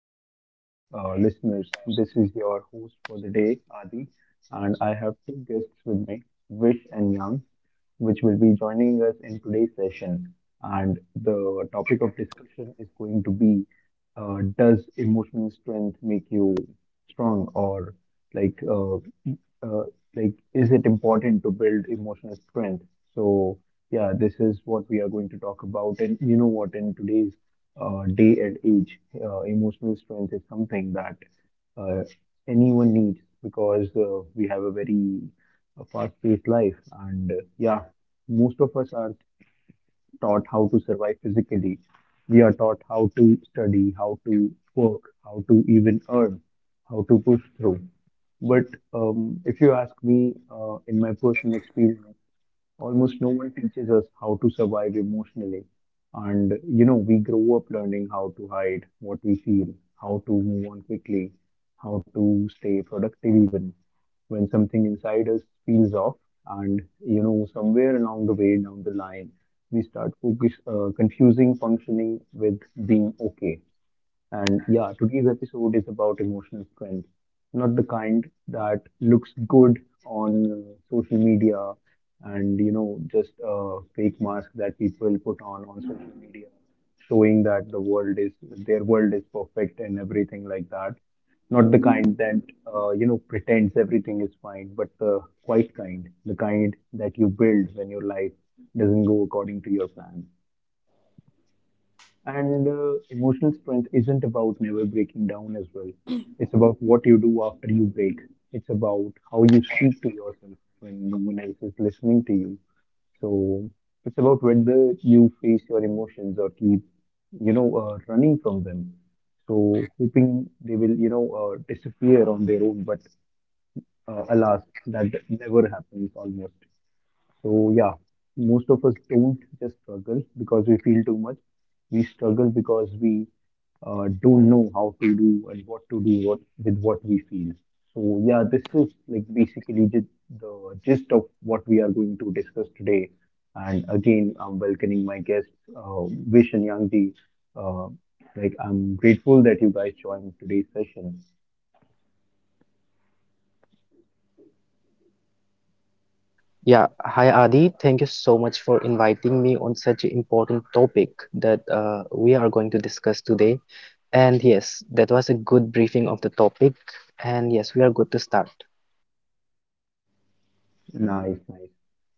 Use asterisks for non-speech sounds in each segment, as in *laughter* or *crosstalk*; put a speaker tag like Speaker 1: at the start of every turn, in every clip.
Speaker 1: Hello to our listeners. This is your host for the day, Adi, and I have two guests with me, Vish and Yang, which will be joining us in today's session. And the topic of discussion is going to be Does emotional strength make you strong, or like uh, uh, like is it important to build emotional strength so yeah, this is what we are going to talk about. And you know what, in today's day and age, emotional strength is something that uh, anyone needs because we have a very fast-paced life and yeah, most of us are taught how to survive physically. We are taught how to study, how to work, how to even earn, how to push through. But if you ask me, in my personal experience, almost no one teaches us how to survive emotionally. And you know, we grow up learning how to hide what we feel, how to move on quickly, how to stay productive even when something inside us feels off. And you know, somewhere along the way down the line, we start confusing functioning with being okay. And yeah, today's episode is about emotional strength, not the kind that looks good on social media and you know, just a fake mask that people put on social media, showing that their world is perfect and everything like that. Not the kind that you know, pretends everything is fine, but the quiet kind, the kind that you build when your life doesn't go according to your plan. And emotional strength isn't about never breaking down as well. It's about what you do after you break. It's about how you speak to yourself when no one else is listening to you. So it's about whether you face your emotions or keep, you know, running from them. So, hoping they will, you know, disappear on their own. But alas, that never happens almost. So, yeah, most of us don't just struggle because we feel too much. We struggle because we don't know how to do and what to do what, with what we feel. So, yeah, this is like basically just the gist of what we are going to discuss today. And again, I'm welcoming my guests, Vish and Yangji. Uh, like, I'm grateful that you guys joined today's session.
Speaker 2: Yeah, hi Adi. Thank you so much for inviting me on such an important topic that we are going to discuss today. And yes, that was a good briefing of the topic. And yes, we are good to start.
Speaker 1: Nice, nice.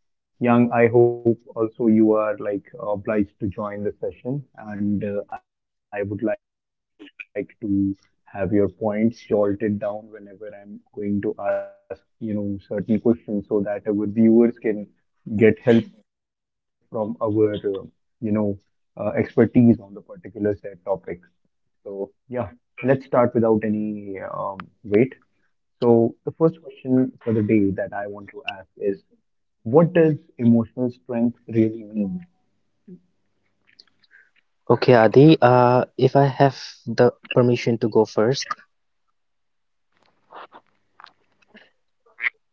Speaker 1: Young, I hope also you are like obliged to join the session, and I would like to have your points jotted down whenever I'm going to ask, you know, certain questions so that our viewers can get help from our, you know, expertise on the particular said topic. So, yeah, let's start without any wait. So, the first question for the day that I want to ask is, what does emotional strength really mean?
Speaker 2: Okay, Adi, if I have the permission to go first.
Speaker 1: Yes, please go ahead.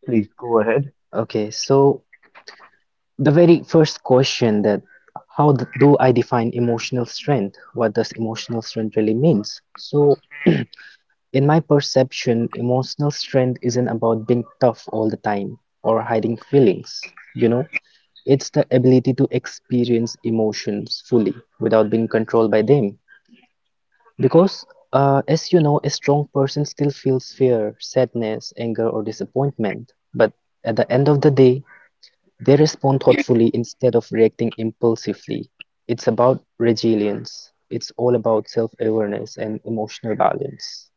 Speaker 2: Okay, so the very first question that how do I define emotional strength? What does emotional strength really means? So *clears throat* In my perception, emotional strength isn't about being tough all the time or hiding feelings. You know, it's the ability to experience emotions fully without being controlled by them. Because, as you know, a strong person still feels fear, sadness, anger, or disappointment. But at the end of the day, they respond thoughtfully instead of reacting impulsively. It's about resilience. It's all about self awareness and emotional balance.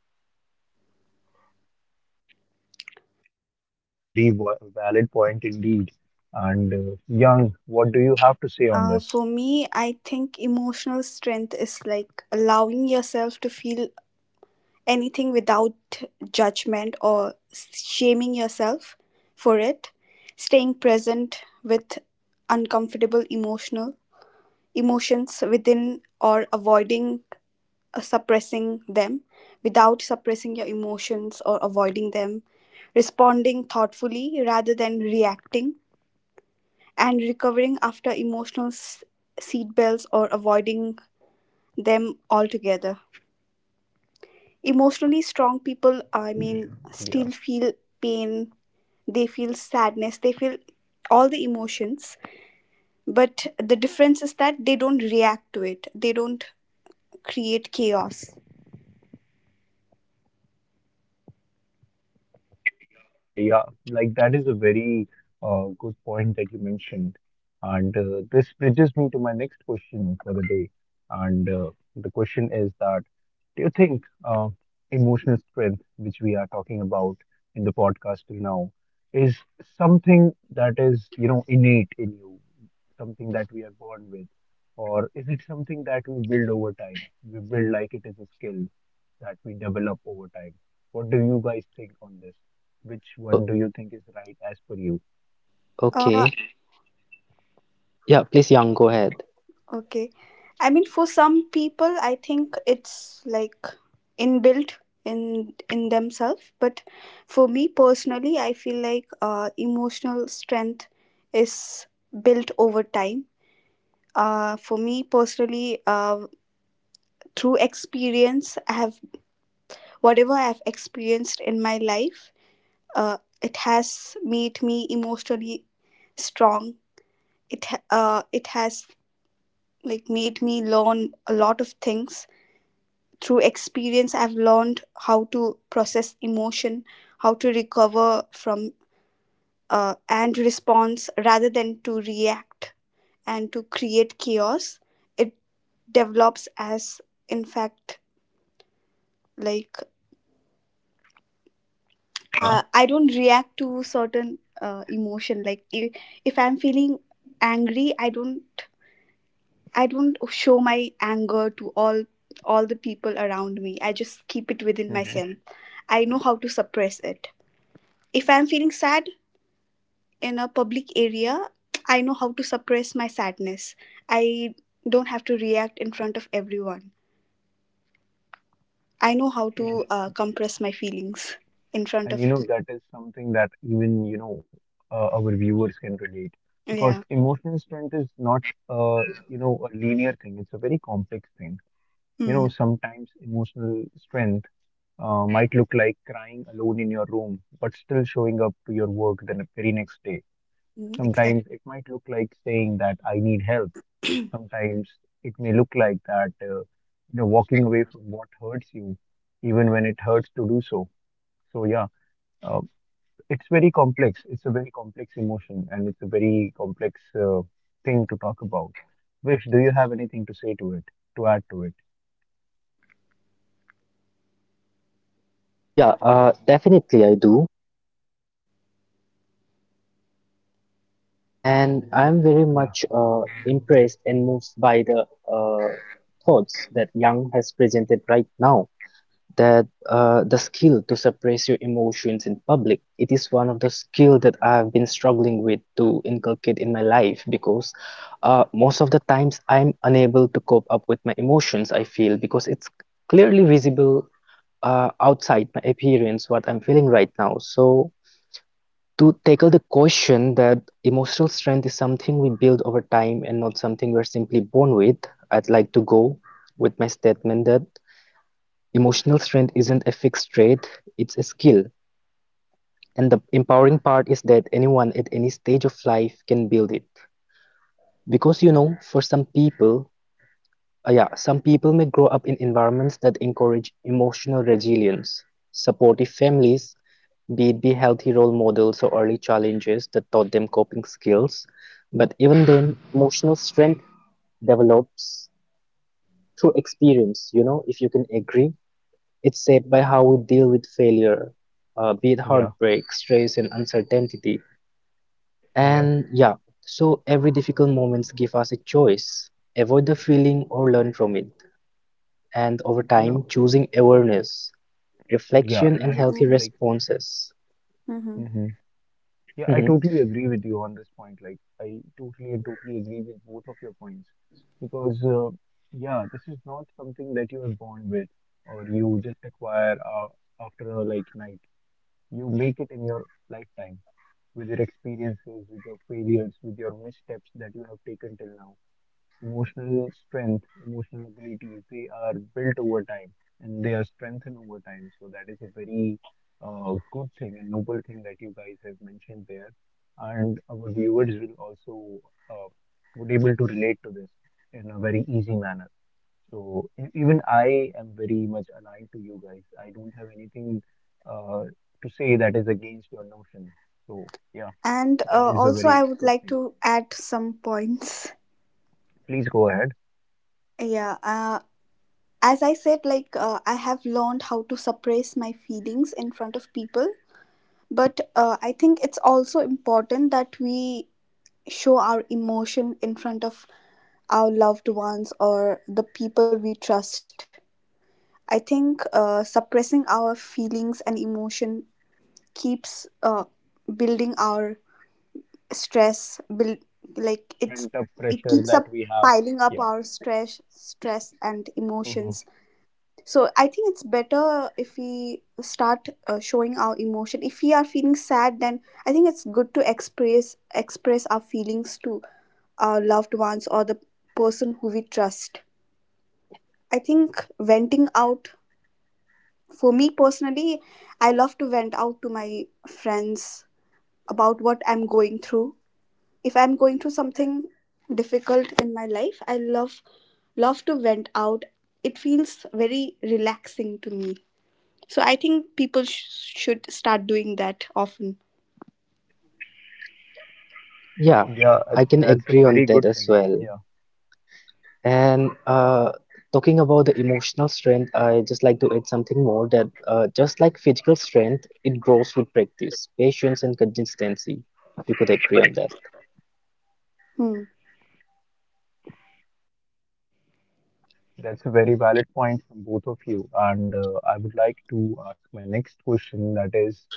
Speaker 1: Yeah, a very valid point indeed. And Young, what do you have to say on this?
Speaker 3: For me, I think emotional strength is like allowing yourself to feel anything without judgment or shaming yourself for it, staying present with uncomfortable emotional emotions within or avoiding suppressing them without suppressing your emotions or avoiding them, responding thoughtfully rather than reacting, and recovering after seatbelts or avoiding them altogether. Emotionally strong people, I
Speaker 1: Yeah.
Speaker 3: mean, still feel pain, they feel sadness, they feel all the emotions, but the difference is that they don't react to it, they don't create chaos.
Speaker 1: And yeah, like that is a very good point that you mentioned. And this bridges me to my next question for the day. And the question is that, do you think emotional strength, which we are talking about in the podcast till now, is something that is, you know, innate in you, something that we are born with? Or is it something that we build over time? We build like it is a skill that we develop over time. What do you guys think on this? Which one do you
Speaker 2: O-
Speaker 1: think is right as per you?
Speaker 3: Uh,
Speaker 2: okay. Yeah, please, Yang, go ahead.
Speaker 3: Okay. I mean, for some people I think it's like inbuilt in themselves, but for me personally I feel like emotional strength is built over time. For me personally, through experience I have, whatever I have experienced in my life, it has made me emotionally strong. It has like made me learn a lot of things. Through experience I've learned how to process emotion, how to recover from, and response rather than to react and to create chaos. It develops as, in fact, like,
Speaker 1: Yeah.
Speaker 3: I don't react to certain emotion. Like, if I'm feeling angry, I don't show my anger to all the people around me, I just keep it within
Speaker 1: Hmm.
Speaker 3: myself. I know how to suppress it. If I'm feeling sad in a public area, I know how to suppress my sadness. I don't have to react in front of everyone. I know how to
Speaker 1: Yeah,
Speaker 3: compress my feelings in front
Speaker 1: and
Speaker 3: of.
Speaker 1: you know, that is something that even you know, our viewers can relate, because
Speaker 3: Yeah.
Speaker 1: emotional strength is not you know, a linear thing. It's a very complex thing. You know,
Speaker 3: mm,
Speaker 1: sometimes emotional strength might look like crying alone in your room, but still showing up to your work the very next day. Sometimes
Speaker 3: exactly.
Speaker 1: it might look like saying that I need help. Sometimes it may look like that, you know, walking away from what hurts you, even when it hurts to do so. So yeah, uh, it's very complex. It's a very complex emotion, and it's a very complex thing to talk about. Vish, do you have anything to say to it, to add to it?
Speaker 2: Yeah, definitely I do. And I'm very
Speaker 1: Yeah,
Speaker 2: much impressed and moved by the thoughts that Yang has presented right now. That the skill to suppress your emotions in public, it is one of the skill that I've been struggling with to inculcate in my life because most of the times I'm unable to cope up with my emotions, I feel, because it's clearly visible outside my appearance what I'm feeling right now. So to tackle the question that emotional strength is something we build over time and not something we're simply born with, I'd like to go with my statement that emotional strength isn't a fixed trait, it's a skill. And the empowering part is that anyone at any stage of life can build it. Because, you know, for some people, yeah, some people may grow up in environments that encourage emotional resilience, supportive families, be it be healthy role models or early challenges that taught them coping skills. But even then, emotional strength develops through experience, you know, if you can agree. It's shaped by how we deal with failure, be it
Speaker 1: yeah,
Speaker 2: heartbreak, stress, and uncertainty.
Speaker 1: yeah.
Speaker 2: And yeah, so every difficult moments give us a choice. Avoid the feeling or learn from it. And over
Speaker 1: You know,
Speaker 2: time, choosing awareness,
Speaker 1: yeah,
Speaker 2: reflection,
Speaker 1: and
Speaker 2: and
Speaker 1: I
Speaker 2: healthy
Speaker 3: mm,
Speaker 1: like.
Speaker 2: responses.
Speaker 3: mhm.
Speaker 1: Mhm. Yeah, I
Speaker 2: *laughs*
Speaker 1: totally agree with you on this point. Like, I totally and totally agree with both of your points because, yeah, this is not something that you are born with or you just acquire after a like night. You make it in your lifetime with your experiences, with your failures, with your missteps that you have taken till now. Emotional strength, emotional abilities, they are built over time and they are strengthened over time. So that is a very good thing and noble thing that you guys have mentioned there. And our viewers will also uh, would able to relate to this in a very easy manner. So even I am very much aligned to you guys. I don't have anything uh, to say that is against your notion. So yeah,
Speaker 3: And
Speaker 1: that is a
Speaker 3: also, I
Speaker 1: very
Speaker 3: would
Speaker 1: good
Speaker 3: like
Speaker 1: thing.
Speaker 3: to add some points.
Speaker 1: Please go ahead.
Speaker 3: Yeah, as I said, like, I have learned how to suppress my feelings in front of people, but I think it's also important that we show our emotion in front of our loved ones or the people we trust. I think suppressing our feelings and emotion keeps building our stress. Build like it's
Speaker 1: Pent up
Speaker 3: it
Speaker 1: pressure
Speaker 3: keeps
Speaker 1: that
Speaker 3: up
Speaker 1: we have.
Speaker 3: piling up
Speaker 1: Yeah.
Speaker 3: our stress and
Speaker 1: Hmm.
Speaker 3: emotions. So I think it's better if we start showing our emotion. If we are feeling sad, then I think it's good to express our feelings to our loved ones or the person who we trust. I think venting out, for me personally, I love to vent out to my friends about what I'm going through. If I'm going through something difficult in my life, I love to vent out. It feels very relaxing to me. So I think should start doing that often.
Speaker 2: Yeah,
Speaker 1: Yeah,
Speaker 2: I can
Speaker 1: that's a
Speaker 2: agree on
Speaker 1: very
Speaker 2: that
Speaker 1: good
Speaker 2: as
Speaker 1: thing.
Speaker 2: well.
Speaker 1: Yeah,
Speaker 2: And talking about the emotional strength, I just like to add something more that just like physical strength, it grows with practice, patience, and consistency, if you could agree on that.
Speaker 3: Hmm.
Speaker 1: that's a very valid point from both of you. And I would like to ask my next question that is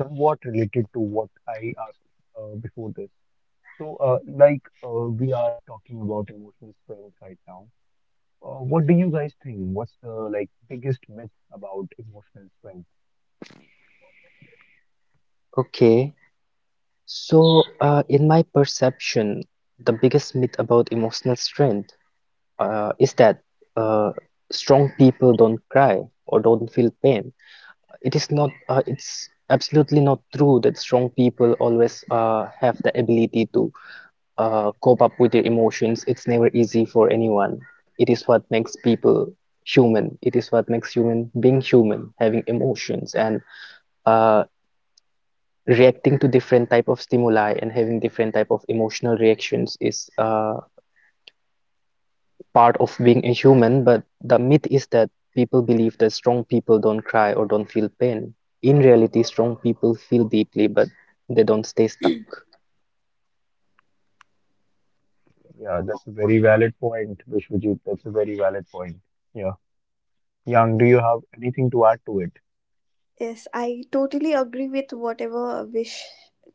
Speaker 1: somewhat related to what I asked before this. So, we are talking about emotional strength right now. What do you guys think? What's the like biggest myth about emotional strength?
Speaker 2: Okay, so in my perception, the biggest myth about emotional strength is that uh, strong people don't cry or don't feel pain. It is not, it's absolutely not true that strong people always have the ability to cope up with their emotions. It's never easy for anyone. It is what makes people human. It is what makes human being human, having emotions and uh, reacting to different type of stimuli and having different type of emotional reactions is part of being a human, but the myth is that people believe that strong people don't cry or don't feel pain. In reality, strong people feel deeply, but they don't stay stuck.
Speaker 1: Yeah, that's a very valid point, Vishwajit. That's a very valid point. Yeah. Young, do you have anything to add to it?
Speaker 3: Yes, I totally agree with whatever Vish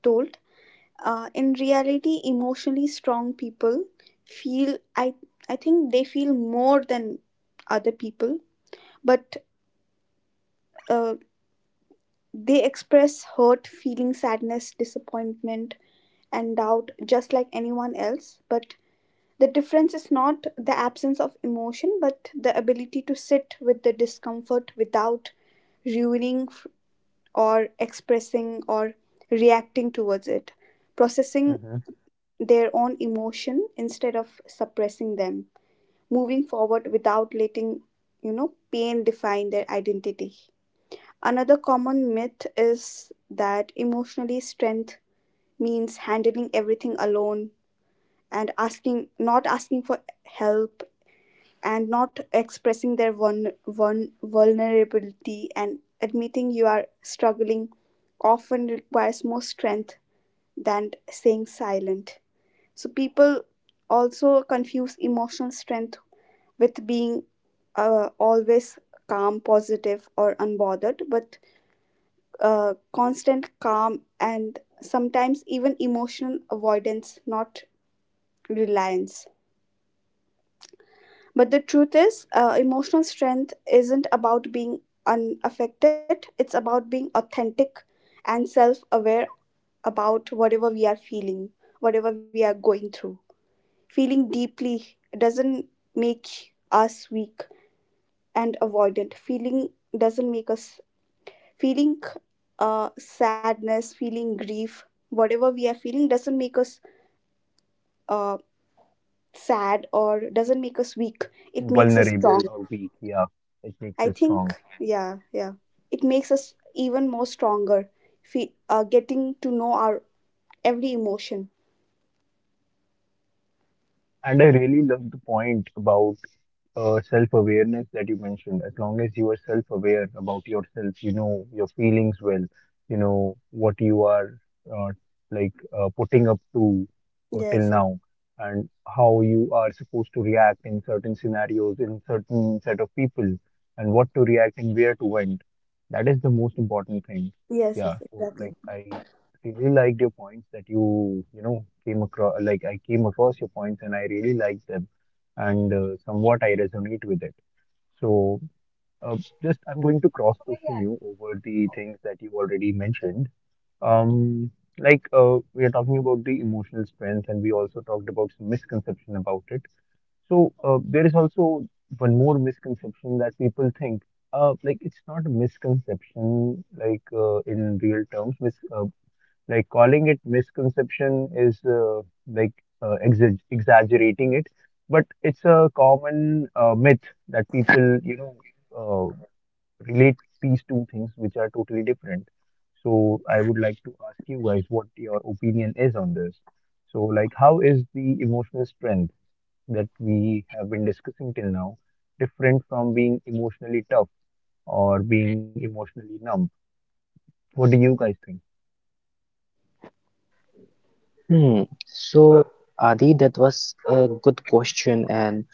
Speaker 3: told. In reality, emotionally strong people feel, I think they feel more than other people, but uh, they express hurt, feeling, sadness, disappointment, and doubt just like anyone else. But the difference is not the absence of emotion, but the ability to sit with the discomfort without ruining or expressing or reacting towards it, processing
Speaker 1: Hmm.
Speaker 3: their own emotion instead of suppressing them, moving forward without letting, you know, pain define their identity. Another common myth is that emotionally strength means handling everything alone and asking not asking for help and not expressing their vulnerability, and admitting you are struggling often requires more strength than staying silent. So people also confuse emotional strength with being always calm, positive, or unbothered, but constant calm and sometimes even emotional avoidance, not reliance. But the truth is, emotional strength isn't about being unaffected, it's about being authentic and self aware about whatever we are feeling, whatever we are going through. Feeling deeply doesn't make us weak and avoidant. Feeling doesn't make us feeling sadness, feeling grief, whatever we are feeling doesn't make us uh, sad or doesn't make us weak. It makes us strong.
Speaker 1: Vulnerable or weak? Yeah, it makes
Speaker 3: I
Speaker 1: you strong.
Speaker 3: think, yeah. It makes us even more stronger. Getting to know our every emotion.
Speaker 1: And I really love the point about self-awareness that you mentioned. As long as you are self-aware about yourself, you know your feelings well, you know what you are uh, putting up to till
Speaker 3: Yes, yes,
Speaker 1: now, and how you are supposed to react in certain scenarios, in certain set of people, and what to react and where to went. That is the most important thing.
Speaker 3: yes,
Speaker 1: Yeah.
Speaker 3: yes,
Speaker 1: So
Speaker 3: exactly.
Speaker 1: like, I really liked your points that you know came across, like I came across your points and I really liked them and somewhat I resonate with it. So uh, just I'm going to cross question you over the things that you already mentioned. Um, like we are talking about the emotional strength and we also talked about some misconception about it. So there is also one more misconception that people think. Like it's not a misconception, like in real terms. Mis like calling it misconception is like exaggerating it, but it's a common myth that people, you know, uh, relate these two things which are totally different. So I would like to ask you guys what your opinion is on this. So like, how is the emotional strength that we have been discussing till now different from being emotionally tough or being emotionally numb? What do you guys think?
Speaker 2: Hmm. So, Adi, that was a good question, and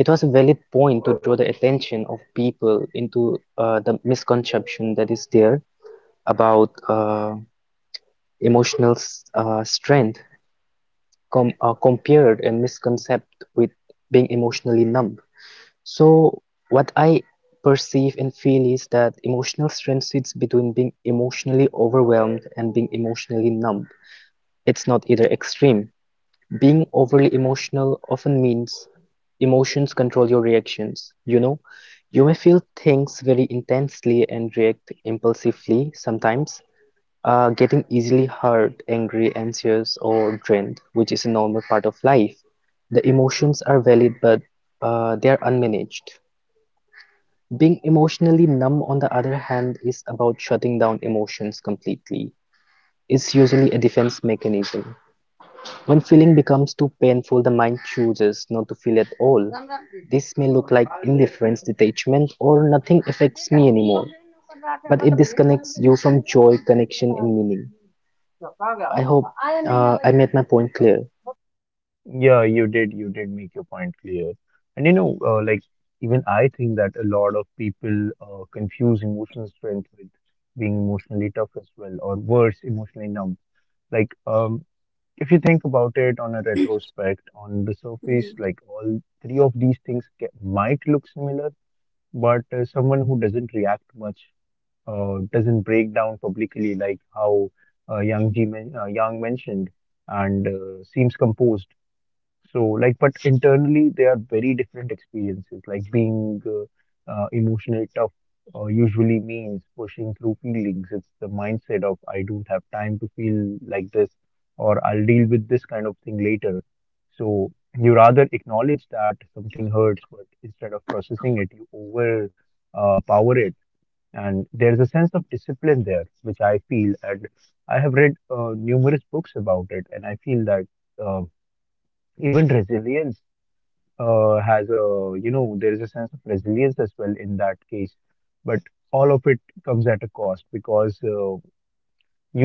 Speaker 2: it was a valid point to draw the attention of people into the misconception that is there about strength compared and misconcept with being emotionally numb. So what I perceive and feel is that emotional strength sits between being emotionally overwhelmed and being emotionally numb. It's not either extreme. Being overly emotional often means emotions control your reactions. You know, you may feel things very intensely and react impulsively sometimes, getting easily hurt, angry, anxious, or drained, which is a normal part of life. The emotions are valid, but they are unmanaged. Being emotionally numb on the other hand is about shutting down emotions completely. It's usually a defense mechanism. When feeling becomes too painful, the mind chooses not to feel at all. This may look like indifference, detachment, or nothing affects me anymore, but it disconnects you from joy, connection, and meaning. I hope I made my point clear.
Speaker 1: Yeah, you did. You did make your point clear. And you know, like even I think that a lot of people confuse emotional strength with being emotionally tough as well, or worse, emotionally numb. Like, if you think about it on a
Speaker 3: *clears throat*
Speaker 1: retrospect, on the
Speaker 3: Hmm.
Speaker 1: surface, like all three of these things ca might look similar, but someone who doesn't react much, doesn't break down publicly, like how Yang mentioned, and seems composed. So, like, but internally, they are very different experiences. Like, being emotionally tough usually means pushing through feelings. It's the mindset of, I don't have time to feel like this, or I'll deal with this kind of thing later. So, you rather acknowledge that something hurts, but instead of processing it, you over power it. And there's a sense of discipline there, which I feel, and I have read numerous books about it, and I feel that. Um, even resilience has a, you know, there is a sense of resilience as well in that case, but all of it comes at a cost because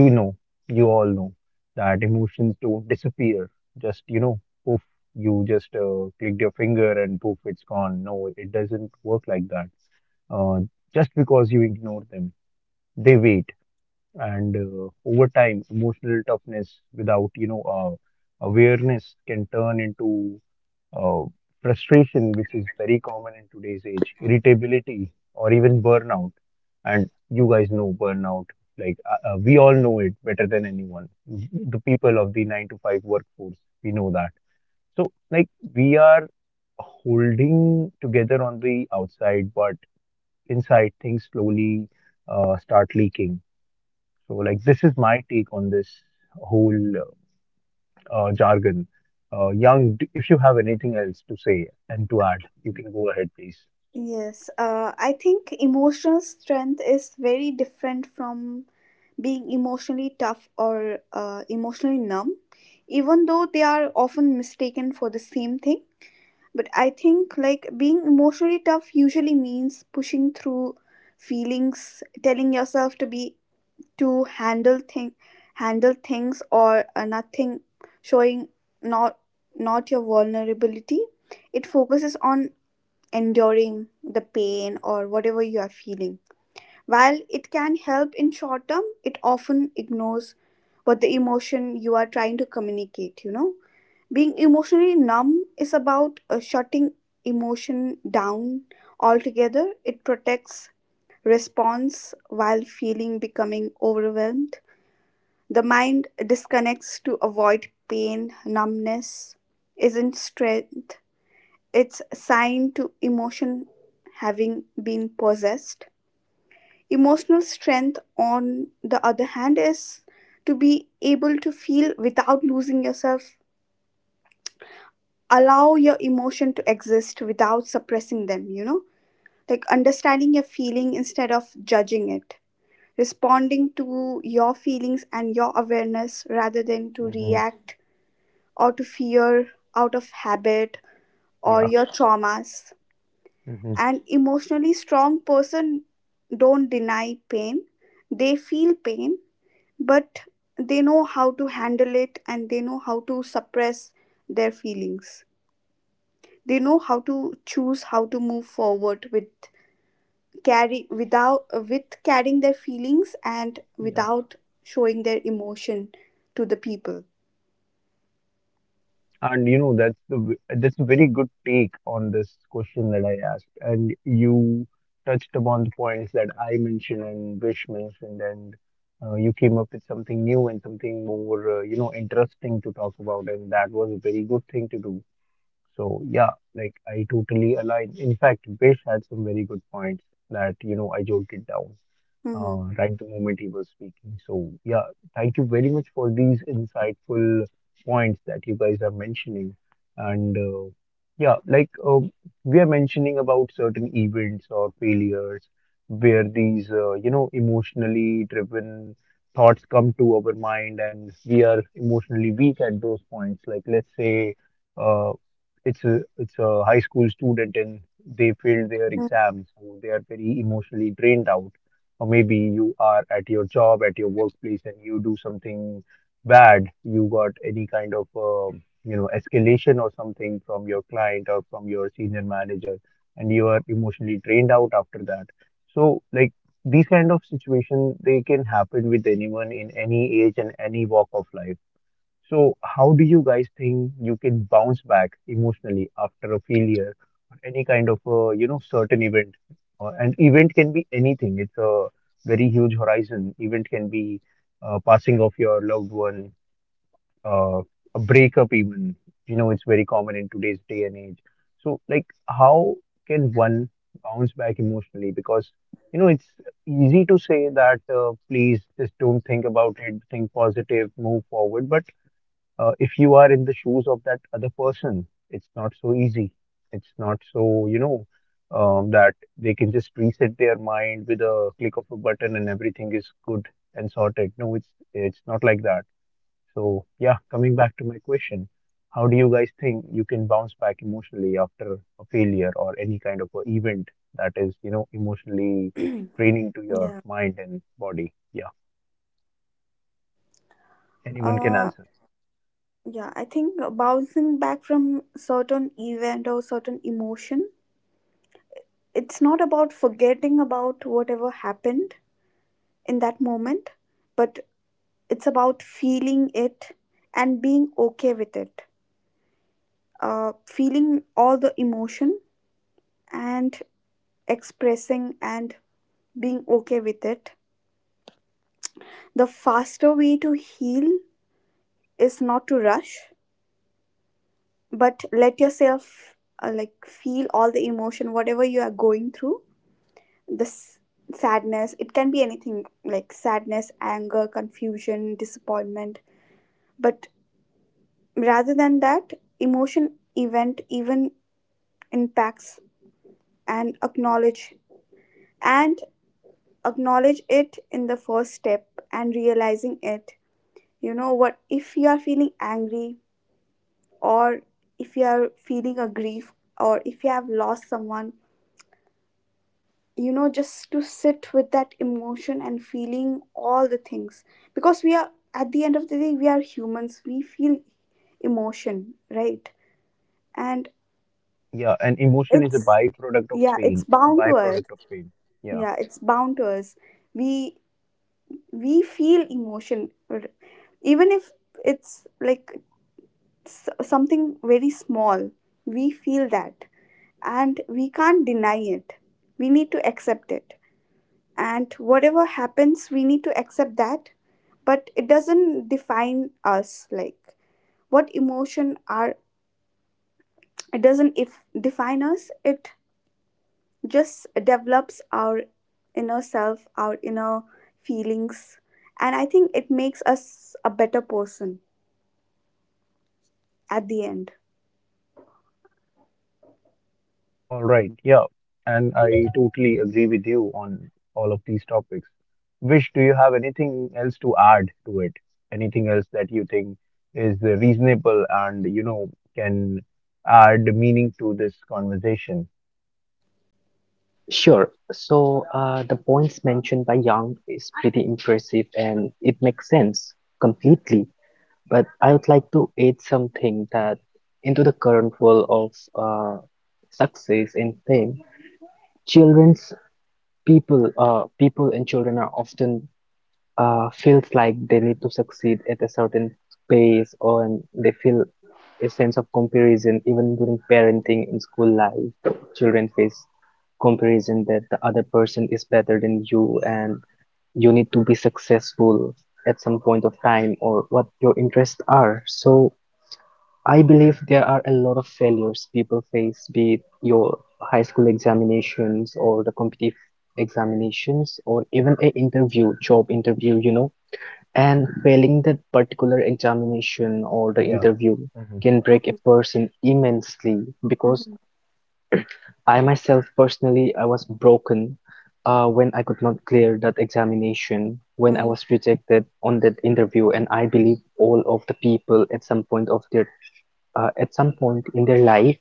Speaker 1: you know, you all know that emotions don't disappear. Just, you know, poof, you just clicked your finger and poof, it's gone. No, it doesn't work like that. uh, just because you ignore them, they wait. And over time, emotional toughness without you know awareness can turn into uh, frustration, which is very common in today's age, irritability, or even burnout. And you guys know burnout, like we all know it better than anyone. The people of the nine to five workforce, we know that. So, like, we are holding together on the outside, but inside things slowly start leaking. So, like, this is my take on this whole jargon. Yang, if you have anything else to say and to add, you can go ahead, please.
Speaker 3: Yes, I think emotional strength is very different from being emotionally tough or emotionally numb, even though they are often mistaken for the same thing. But I think, like, being emotionally tough usually means pushing through feelings, telling yourself to be, to handle things, or nothing, showing, not not your vulnerability. It focuses on enduring the pain or whatever you are feeling. While it can help in short term, it often ignores what the emotion you are trying to communicate, you know. Being emotionally numb is about shutting emotion down altogether. It protects response while feeling becoming overwhelmed, the mind disconnects to avoid pain. Numbness isn't strength. It's a sign to emotion having been possessed. Emotional strength, on the other hand, is to be able to feel without losing yourself. Allow your emotion to exist without suppressing them, you know? Like understanding your feeling instead of judging it. Responding to your feelings and your awareness rather than to
Speaker 1: Hmm.
Speaker 3: react out of fear, out of habit, or
Speaker 1: Yeah.
Speaker 3: your traumas.
Speaker 1: Hmm.
Speaker 3: An emotionally strong person don't deny pain. They feel pain, but they know how to handle it and they know how to suppress their feelings. They know how to choose how to move forward with carry without with carrying their feelings and
Speaker 1: Yeah.
Speaker 3: without showing their emotion to the people.
Speaker 1: And you know, that's the that's a very good take on this question that I asked, and you touched upon the points that I mentioned and Vish mentioned, and you came up with something new and something more you know, interesting to talk about, and that was a very good thing to do. So yeah, like I totally align. In fact, Bish had some very good points that you know I jotted down
Speaker 3: Hmm.
Speaker 1: right the moment he was speaking. So, yeah, thank you very much for these insightful points that you guys are mentioning. And yeah, we are mentioning about certain events or failures where these, you know, emotionally driven thoughts come to our mind and we are emotionally weak at those points. Like, let's say, uh, it's a high school student and they failed their exams, so they are very emotionally drained out, or maybe you are at your job, at your workplace, and you do something bad. You got any kind of you know, escalation or something from your client or from your senior manager, and you are emotionally drained out after that. So like, these kind of situation, they can happen with anyone in any age and any walk of life. So, how do you guys think you can bounce back emotionally after a failure or any kind of a, you know, certain event? Or an event can be anything. It's a very huge horizon. Event can be passing of your loved one, uh, a breakup even. You know, it's very common in today's day and age. So, like, how can one bounce back emotionally? Because, you know, it's easy to say that, please just don't think about it, think positive, move forward. But if you are in the shoes of that other person, it's not so easy. It's not so, you know, that they can just reset their mind with a click of a button and everything is good and sorted. No, it's not like that. So yeah, coming back to my question, how do you guys think you can bounce back emotionally after a failure or any kind of a event that is, you know, emotionally
Speaker 3: *clears throat*
Speaker 1: draining to
Speaker 3: Yeah.
Speaker 1: your mind and body? Yeah, anyone can
Speaker 3: Uh,
Speaker 1: answer.
Speaker 3: Yeah, I think bouncing back from certain event or certain emotion, it's not about forgetting about whatever happened in that moment, but it's about feeling it and being okay with it. Feeling all the emotion and expressing and being okay with it. The faster way to heal is not to rush, but let yourself like feel all the emotion, whatever you are going through. This sadness, it can be anything, like sadness, anger, confusion, disappointment, but rather than that emotion, event even impacts, and acknowledge, and acknowledge it in the first step and realizing it, you know. What if you are feeling angry, or if you are feeling a grief, or if you have lost someone, you know, just to sit with that emotion and feeling all the things, because we are, at the end of the day, we are humans, we feel emotion, right? And
Speaker 1: Yeah, and emotion is a
Speaker 3: it's
Speaker 1: byproduct of
Speaker 3: yeah, it's
Speaker 1: pain. It's a
Speaker 3: bound to us.
Speaker 1: byproduct of pain. Yeah.
Speaker 3: Yeah, it's bound to us. We we feel emotion, even if it's like something very small, we feel that, and we can't deny it. We need to accept it, and whatever happens we need to accept that. But it doesn't define us. Like what emotion are, it doesn't, if define us, it just develops our inner self, our inner feelings, and I think it makes us a better person at the end.
Speaker 1: All right. Yeah. And I totally agree with you on all of these topics. Vish, do you have anything else to add to it? Anything else that you think is reasonable and, you know, can add meaning to this conversation?
Speaker 2: Sure. So the points mentioned by Young is pretty impressive and it makes sense completely, but I would like to add something that into the current world of uh, success and fame, children's people and children are often feels like they need to succeed at a certain pace, or and they feel a sense of comparison even during parenting in school life. Children face comparison that the other person is better than you, and you need to be successful at some point of time or what your interests are. So I believe there are a lot of failures people face, be it your high school examinations or the competitive examinations or even a interview, job interview, you know. And failing that particular examination or the
Speaker 1: Yeah.
Speaker 2: interview
Speaker 1: Mhm.
Speaker 2: can break a
Speaker 3: Mhm,
Speaker 2: person immensely because
Speaker 3: mhm,
Speaker 2: I myself personally I was broken when I could not clear that examination, when I
Speaker 3: mhm.
Speaker 2: was rejected on that interview, and I believe all of the people at some point in their life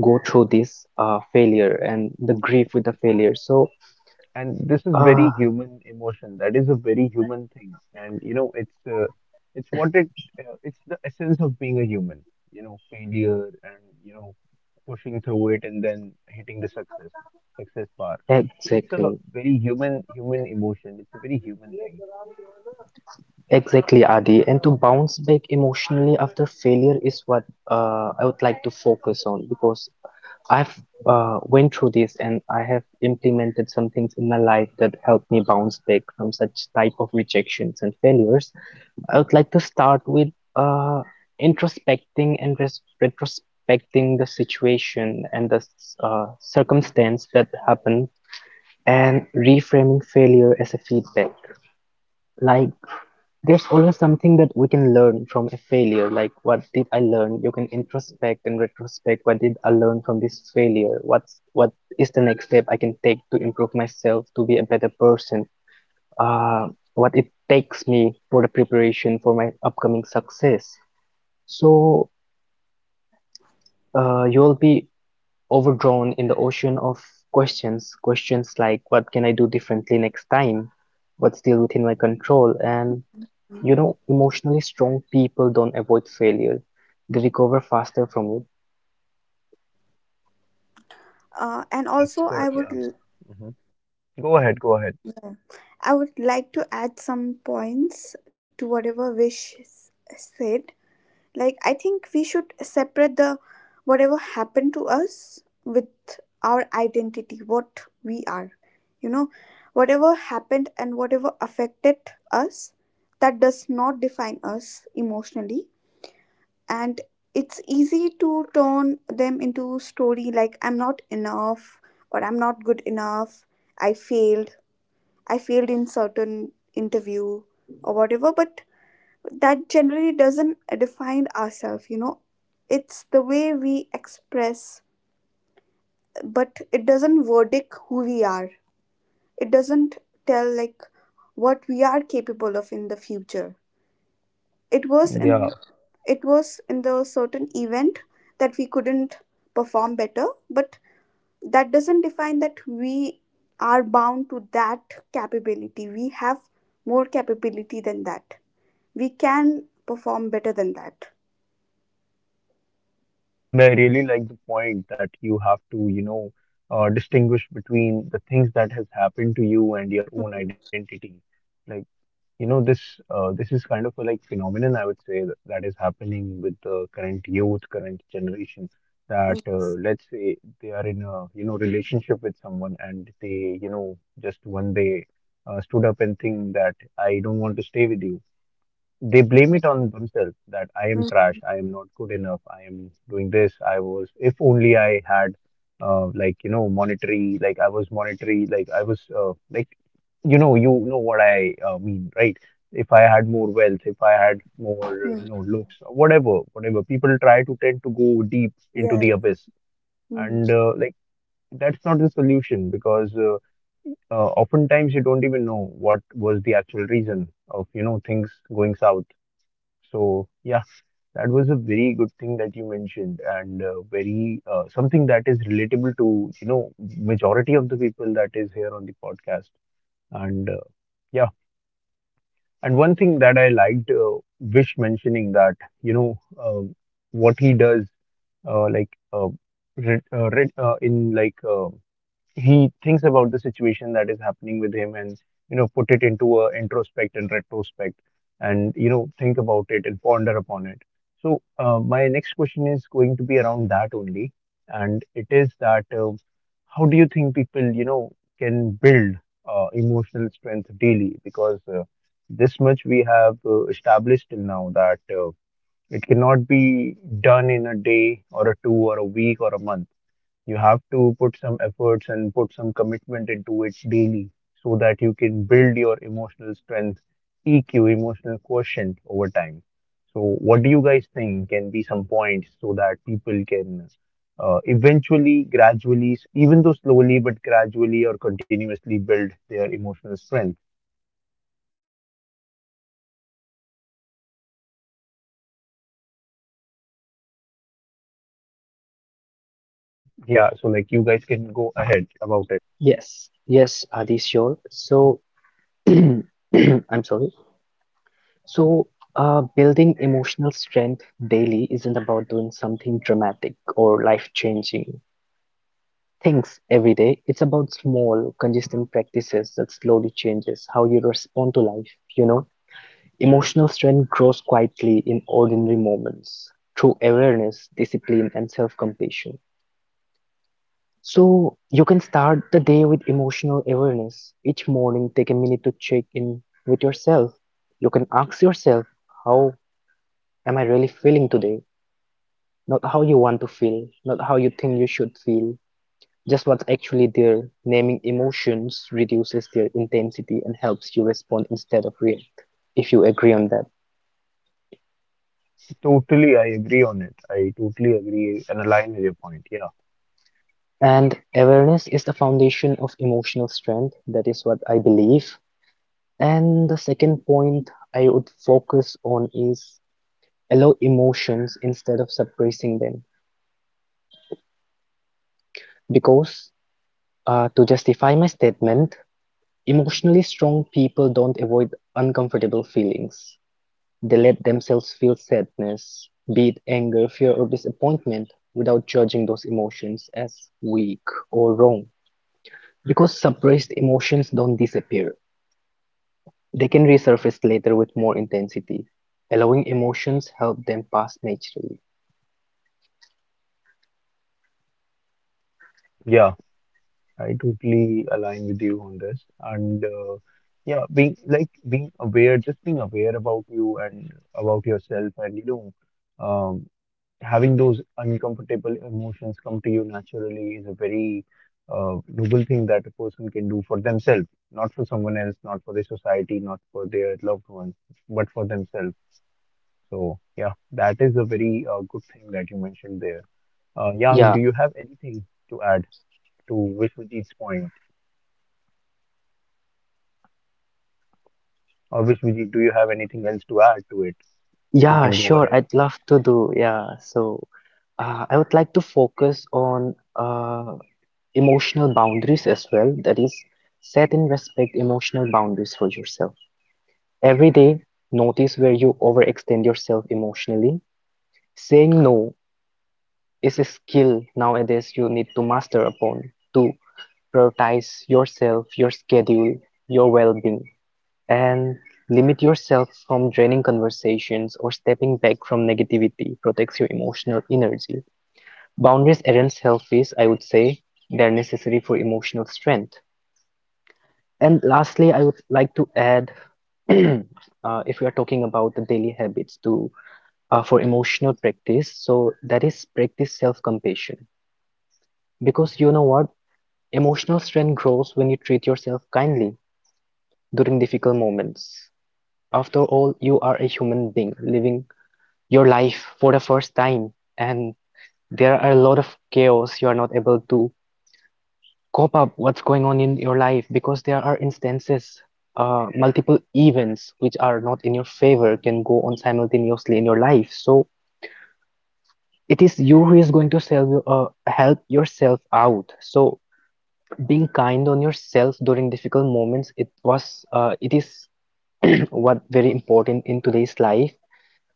Speaker 2: go through this failure and the grief with the failure. So,
Speaker 1: And this is very
Speaker 2: uh,
Speaker 1: human emotion. That is a very human thing, and you know, it's what it it's the essence of being a human. You know, failure and you know, pushing through it and then hitting the success success bar. So it's a
Speaker 2: exactly,
Speaker 1: very human human emotion. It's a very human thing.
Speaker 2: exactly, Adi. And to bounce back emotionally after failure is what I would like to focus on because I've went through this and I have implemented some things in my life that helped me bounce back from such type of rejections and failures. I would like to start with uh, introspecting and retrospecting the situation and the circumstance that happened and reframing failure as a feedback. Like, there's always something that we can learn from a failure. Like, what did I learn? You can introspect and retrospect. What did I learn from this failure? What is the next step I can take to improve myself to be a better person? Uh, what it takes me for the preparation for my upcoming success, so you'll be overdrawn in the ocean of questions. Questions like, what can I do differently next time? What's still within my control? And you know, emotionally strong people don't avoid failure. They recover faster from it.
Speaker 3: And
Speaker 1: That's
Speaker 3: also I
Speaker 1: the
Speaker 3: would
Speaker 1: yeah.
Speaker 3: l-
Speaker 1: Hmm. Go ahead, go ahead.
Speaker 3: I would like to add some points to whatever wish s- said. Like, I think we should separate the whatever happened to us with our identity, what we are, you know. Whatever happened and whatever affected us, that does not define us emotionally, and it's easy to turn them into story like, I'm not enough, or I'm not good enough, I failed, I failed in certain interview or whatever. But that generally doesn't define ourselves, you know. It's the way we express, but it doesn't verdict who we are. It doesn't tell, like, what we are capable of in the future. It was in
Speaker 1: Yeah,
Speaker 3: it was in the certain event that we couldn't perform better, but that doesn't define that we are bound to that capability. We have more capability than that, we can perform better than that.
Speaker 1: and I really like the point that you have to, you know, distinguish between the things that has happened to you and your own identity, like. You know, this this is kind of a like phenomenon, I would say, that, that is happening with the current youth, current generation. That
Speaker 3: Mm.
Speaker 1: let's say they are in a you know, relationship with someone and they you know, just one day stood up and think that I don't want to stay with you. They blame it on themselves that I am trash, I am not good enough, I am doing this, I was, if only I had, like, you know, monetary, like I was monetary, like I was, like, you know what I mean, right? If I had more wealth, if I had more,
Speaker 3: Hmm.
Speaker 1: you know, looks, whatever, whatever. People try to tend to go deep into the
Speaker 3: Yes.
Speaker 1: abyss,
Speaker 3: Mm.
Speaker 1: and like, that's not the solution because oftentimes you don't even know what was the actual reason of, you know, things going south. So yeah, *laughs* that was a very good thing that you mentioned, and very something that is relatable to you know, majority of the people that is here on the podcast. And yeah, and one thing that I liked Vish mentioning, that you know, um, what he does, like re re in like he thinks about the situation that is happening with him and you know, put it into a introspect and retrospect, and you know, think about it and ponder upon it. So my next question is going to be around that only, and it is that how do you think people, you know, can build emotional strength daily? Because this much we have established till now that it cannot be done in a day or a two or a week or a month. You have to put some efforts and put some commitment into it daily so that you can build your emotional strength, EQ, emotional quotient over time. So, what do you guys think can be some points so that people can eventually, gradually, even though slowly, but gradually or continuously build their emotional strength? Yeah, so like you guys can go ahead about it.
Speaker 2: Yes, yes, Adi, sure. So *clears throat* I'm sorry. So building emotional strength daily isn't about doing something dramatic or life-changing things every day. It's about small, consistent practices that slowly changes how you respond to life. You know, emotional strength grows quietly in ordinary moments through awareness, discipline, and self compassion. So, you can start the day with emotional awareness. Each morning, take a minute to check in with yourself. You can ask yourself, how am I really feeling today? Not how you want to feel, not how you think you should feel, just what's actually there. Naming emotions reduces their intensity and helps you respond instead of react, if you agree on that.
Speaker 1: Totally, I agree on it. I totally agree and align with your point. Yeah.
Speaker 2: And awareness is the foundation of emotional strength. That is what I believe. And the second point I would focus on is allow emotions instead of suppressing them. Because to justify my statement, emotionally strong people don't avoid uncomfortable feelings. They let themselves feel sadness, be it anger, fear or disappointment, without judging those emotions as weak or wrong. Because suppressed emotions don't disappear. They can resurface later with more intensity. Allowing emotions help them pass naturally.
Speaker 1: Yeah, I totally align with you on this. And yeah, being aware, just being aware about you and about yourself, and you know, um, having those uncomfortable emotions come to you naturally is a very noble thing that a person can do for themselves, not for someone else, not for the society, not for their loved ones, but for themselves. So yeah, that is a very good thing that you mentioned there. Yang, do
Speaker 2: Yeah,
Speaker 1: you have anything to add to Vishwajit's point? Or which Vijay, do you have anything else to add to it? You
Speaker 2: yeah,
Speaker 1: can go
Speaker 2: sure,
Speaker 1: ahead.
Speaker 2: I'd love to do. Yeah, so I would like to focus on emotional boundaries as well. That is, set and respect emotional boundaries for yourself. Every day, notice where you overextend yourself emotionally. Saying no is a skill nowadays you need to master upon to prioritize yourself, your schedule, your well being, and limit yourself from draining conversations or stepping back from negativity protects your emotional energy. Boundaries aren't selfish, I would say, they're necessary for emotional strength. And lastly, I would like to add *clears throat* uh, if we are talking about the daily habits to for emotional practice. So that is practice self-compassion. Because you know what? Emotional strength grows when you treat yourself kindly during difficult moments. After all, you are a human being living your life for the first time, and there are a lot of chaos you are not able to cope up what's going on in your life because there are instances multiple events which are not in your favor can go on simultaneously in your life. So it's you who is going to sell you, help yourself out. So being kind on yourself during difficult moments, it is *clears throat* what very important in today's life.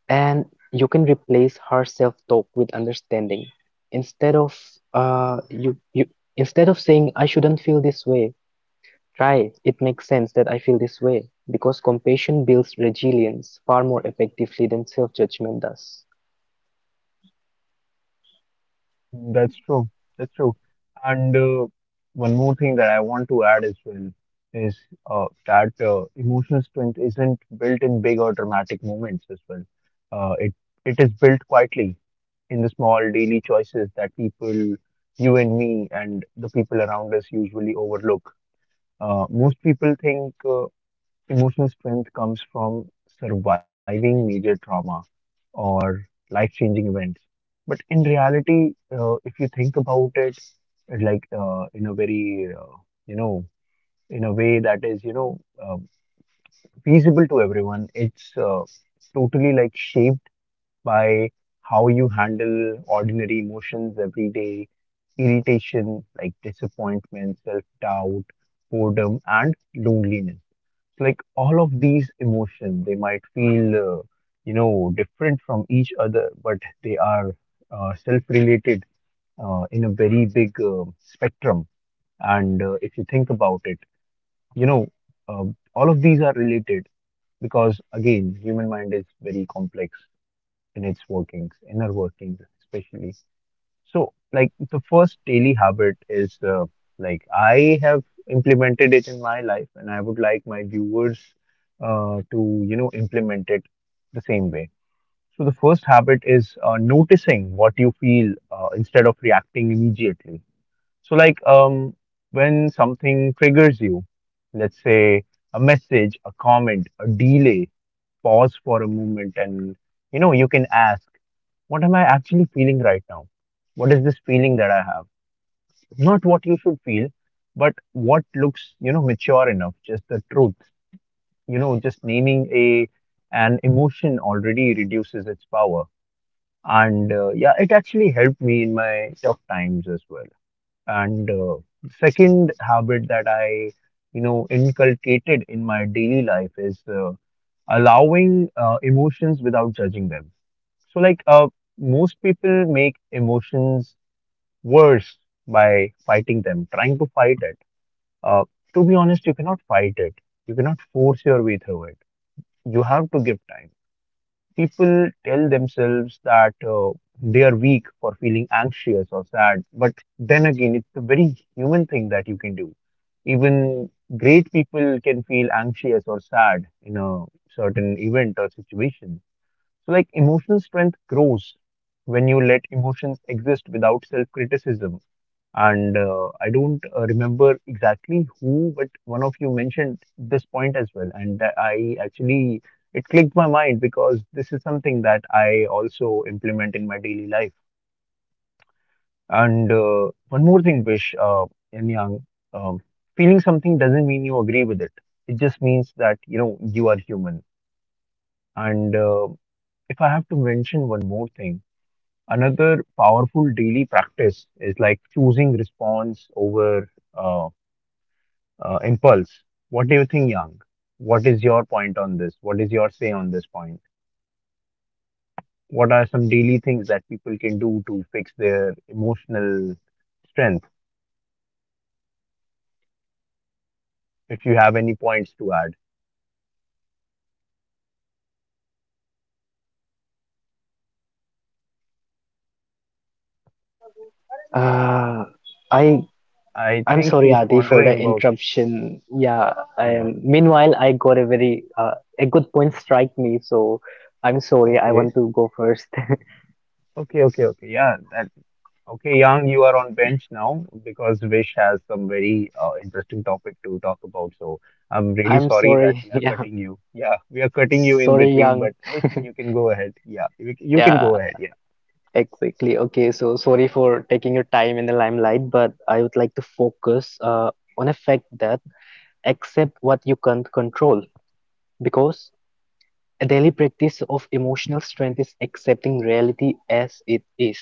Speaker 2: And you can replace harsh self-talk with understanding. Instead of you, you instead of saying I shouldn't feel this way, try it makes sense that I feel this way because compassion builds resilience far more effectively than self-judgment does.
Speaker 1: That's true. That's true. And one more thing that I want to add as well is that emotional strength isn't built in big or dramatic moments as well. Uh, it it is built quietly in the small daily choices that people, you and me, and the people around us usually overlook. Most people think. Emotional strength comes from surviving major trauma or life changing events. But in reality, if you think about it, like in a very, you know, in a way that is, you know, feasible to everyone, it's totally like shaped by how you handle ordinary emotions every day, irritation, like disappointment, self doubt, boredom, and loneliness. It's like all of these emotions, they might feel you know, different from each other, but they are self-related in a very big spectrum. And if you think about it, you know, uh, all of these are related because again, human mind is very complex in its workings, inner workings especially. So, like, the first daily habit is like I have implemented it in my life, and I would like my viewers to, you know, implement it the same way. So, the first habit is noticing what you feel instead of reacting immediately. So, like, when something triggers you, let's say a message, a comment, a delay, pause for a moment, and you know, you can ask, what am I actually feeling right now? What is this feeling that I have? Not what you should feel, but what looks, you know, mature enough, just the truth. You know, just naming a an emotion already reduces its power. And yeah, it actually helped me in my tough times as well. And second habit that I, you know, inculcated in my daily life is allowing emotions without judging them. So, like, most people make emotions worse by fighting them, trying to fight it. Uh, to be honest, you cannot fight it. You cannot force your way through it. You have to give time. People tell themselves that they are weak for feeling anxious or sad, but then again, it's a very human thing that you can do. Even great people can feel anxious or sad in a certain event or situation. So, like, emotional strength grows when you let emotions exist without self criticism. And I don't remember exactly who, but one of you mentioned this point as well. And that I actually, it clicked my mind because this is something that I also implement in my daily life. And One more thing, Vish, in Yang, um, feeling something doesn't mean you agree with it. It just means that, you know, you are human. And If I have to mention one more thing, another powerful daily practice is like choosing response over uh, impulse. What do you think, Yang? What is your point on this? What is your say on this point? What are some daily things that people can do to fix their emotional strength? If you have any points to add,
Speaker 2: Uh, I
Speaker 1: I
Speaker 2: I'm
Speaker 1: think
Speaker 2: sorry,
Speaker 1: she's
Speaker 2: Adi, for
Speaker 1: pondering
Speaker 2: the
Speaker 1: about,
Speaker 2: interruption. Yeah.
Speaker 1: yeah,
Speaker 2: Meanwhile, I got a very a good point strike me, so I'm sorry. I
Speaker 1: okay,
Speaker 2: want to go first.
Speaker 1: okay, okay, okay, yeah, that. Okay, Yang, you are on bench now because Vish has some very interesting topic to talk about. So I'm
Speaker 2: *laughs*
Speaker 1: really
Speaker 2: I'm
Speaker 1: sorry that
Speaker 2: sorry. *laughs*
Speaker 1: we are
Speaker 2: Yeah.
Speaker 1: cutting you. Yeah, we are cutting you in
Speaker 2: Sorry,
Speaker 1: between,
Speaker 2: young.
Speaker 1: but
Speaker 2: *laughs*
Speaker 1: Vish, you can go ahead. Yeah, you can
Speaker 2: Yeah,
Speaker 1: go ahead. Yeah.
Speaker 2: exactly. Okay, so sorry for taking your time in the limelight, but I would like to focus on a fact that accept what you can't control because a daily practice of emotional strength is accepting reality as it is.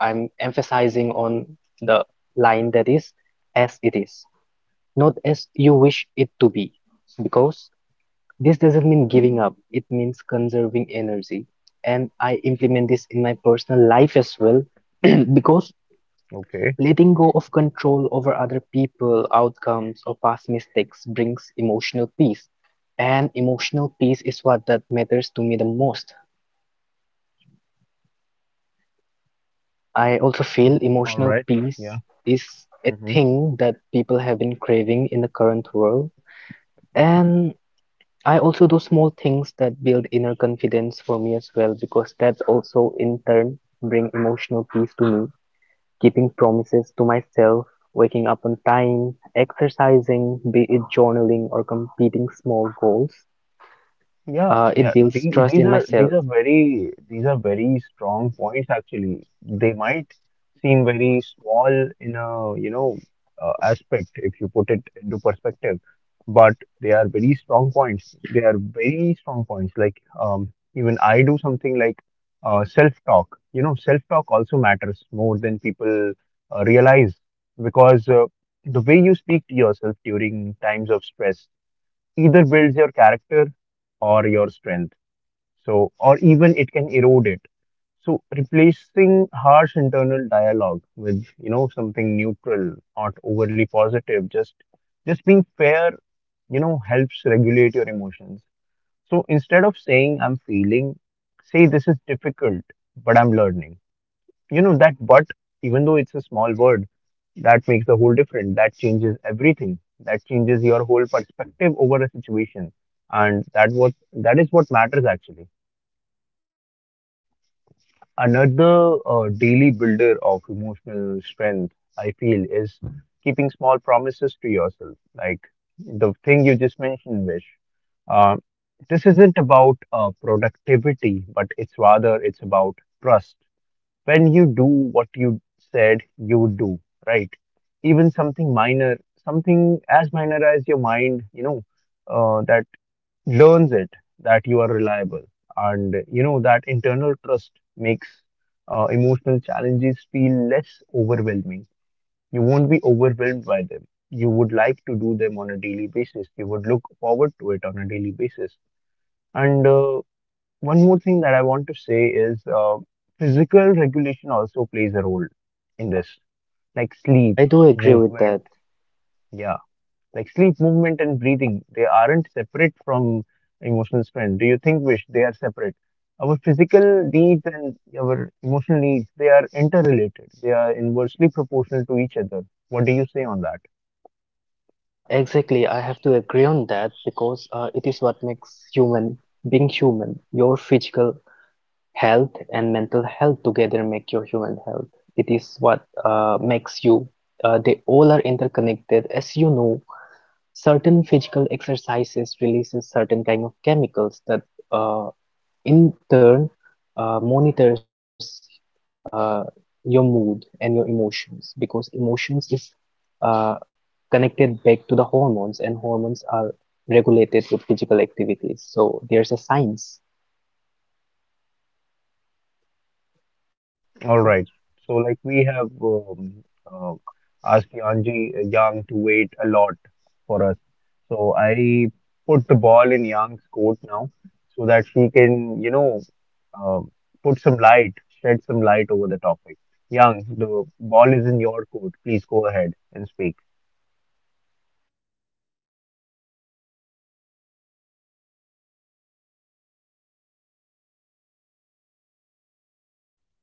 Speaker 2: I'm emphasizing on the line that is as it is, not as you wish it to be, because this doesn't mean giving up, it means conserving energy. And I implement this in my personal life as well, *clears throat* because
Speaker 1: Okay.
Speaker 2: letting go of control over other people, outcomes, or past mistakes brings emotional peace. And emotional peace is what that matters to me the most. I also feel
Speaker 1: All
Speaker 2: emotional
Speaker 1: right. Yeah.
Speaker 2: peace is a
Speaker 1: Hmm.
Speaker 2: thing that people have been craving in the current world. And I also do small things that build inner confidence for me as well, because that also in turn bring emotional peace to me. Keeping promises to myself, waking up on time, exercising, be it journaling or competing small goals,
Speaker 1: Yeah, yeah.
Speaker 2: it builds
Speaker 1: These,
Speaker 2: trust
Speaker 1: these
Speaker 2: in
Speaker 1: are these
Speaker 2: myself.
Speaker 1: are very these are very strong points actually. They might seem very small in a, you know, aspect if you put it into perspective, but they are very strong points. They are very strong points. Like, even I do something like self-talk. You know, self-talk also matters more than people realize because the way you speak to yourself during times of stress either builds your character or your strength. So, or even it can erode it. So, replacing harsh internal dialogue with, you know, something neutral, not overly positive, just being fair, you know, helps regulate your emotions. So instead of saying I'm feeling, say this is difficult, but I'm learning. You know, that but, even though it's a small word, that makes the whole difference. That changes everything. That changes your whole perspective over a situation. And that what that is what matters actually. Another daily builder of emotional strength, I feel, is keeping small promises to yourself. Like the thing you just mentioned, Vish. Uh, this isn't about productivity, but it's rather it's about trust when you do what you said you would do, right? Even something minor, something as minor as your mind, you know, that learns it that you are reliable. And, you know, that internal trust makes emotional challenges feel less overwhelming. You won't be overwhelmed by them. You would like to do them on a daily basis. You would look forward to it on a daily basis. And, one more thing that I want to say is physical regulation also plays a role in this, like sleep,
Speaker 2: I do agree with
Speaker 1: movement.
Speaker 2: that.
Speaker 1: Yeah, like sleep, movement, and breathing, they aren't separate from emotional strength. Do you think, Vish, they are separate? Our physical needs and our emotional needs, they are interrelated. They are inversely proportional to each other. What do you say on that?
Speaker 2: Yeah, exactly. I have to agree on that because it is what makes human being human. Your physical health and mental health together make your human health. It is what makes you. They all are interconnected. As you know, certain physical exercises releases certain kind of chemicals that uh, in turn monitors uh, your mood and your emotions because emotions is uh, connected back to the hormones, and hormones are regulated with physical activities. So there's a science.
Speaker 1: All right. So, like, we have, uh, asked Yanji Yang to wait a lot for us. So, I put the ball in Yang's court now so that she can, you know, uh, put some light, shed some light over the topic. Yang, the ball is in your court. Please go ahead and speak.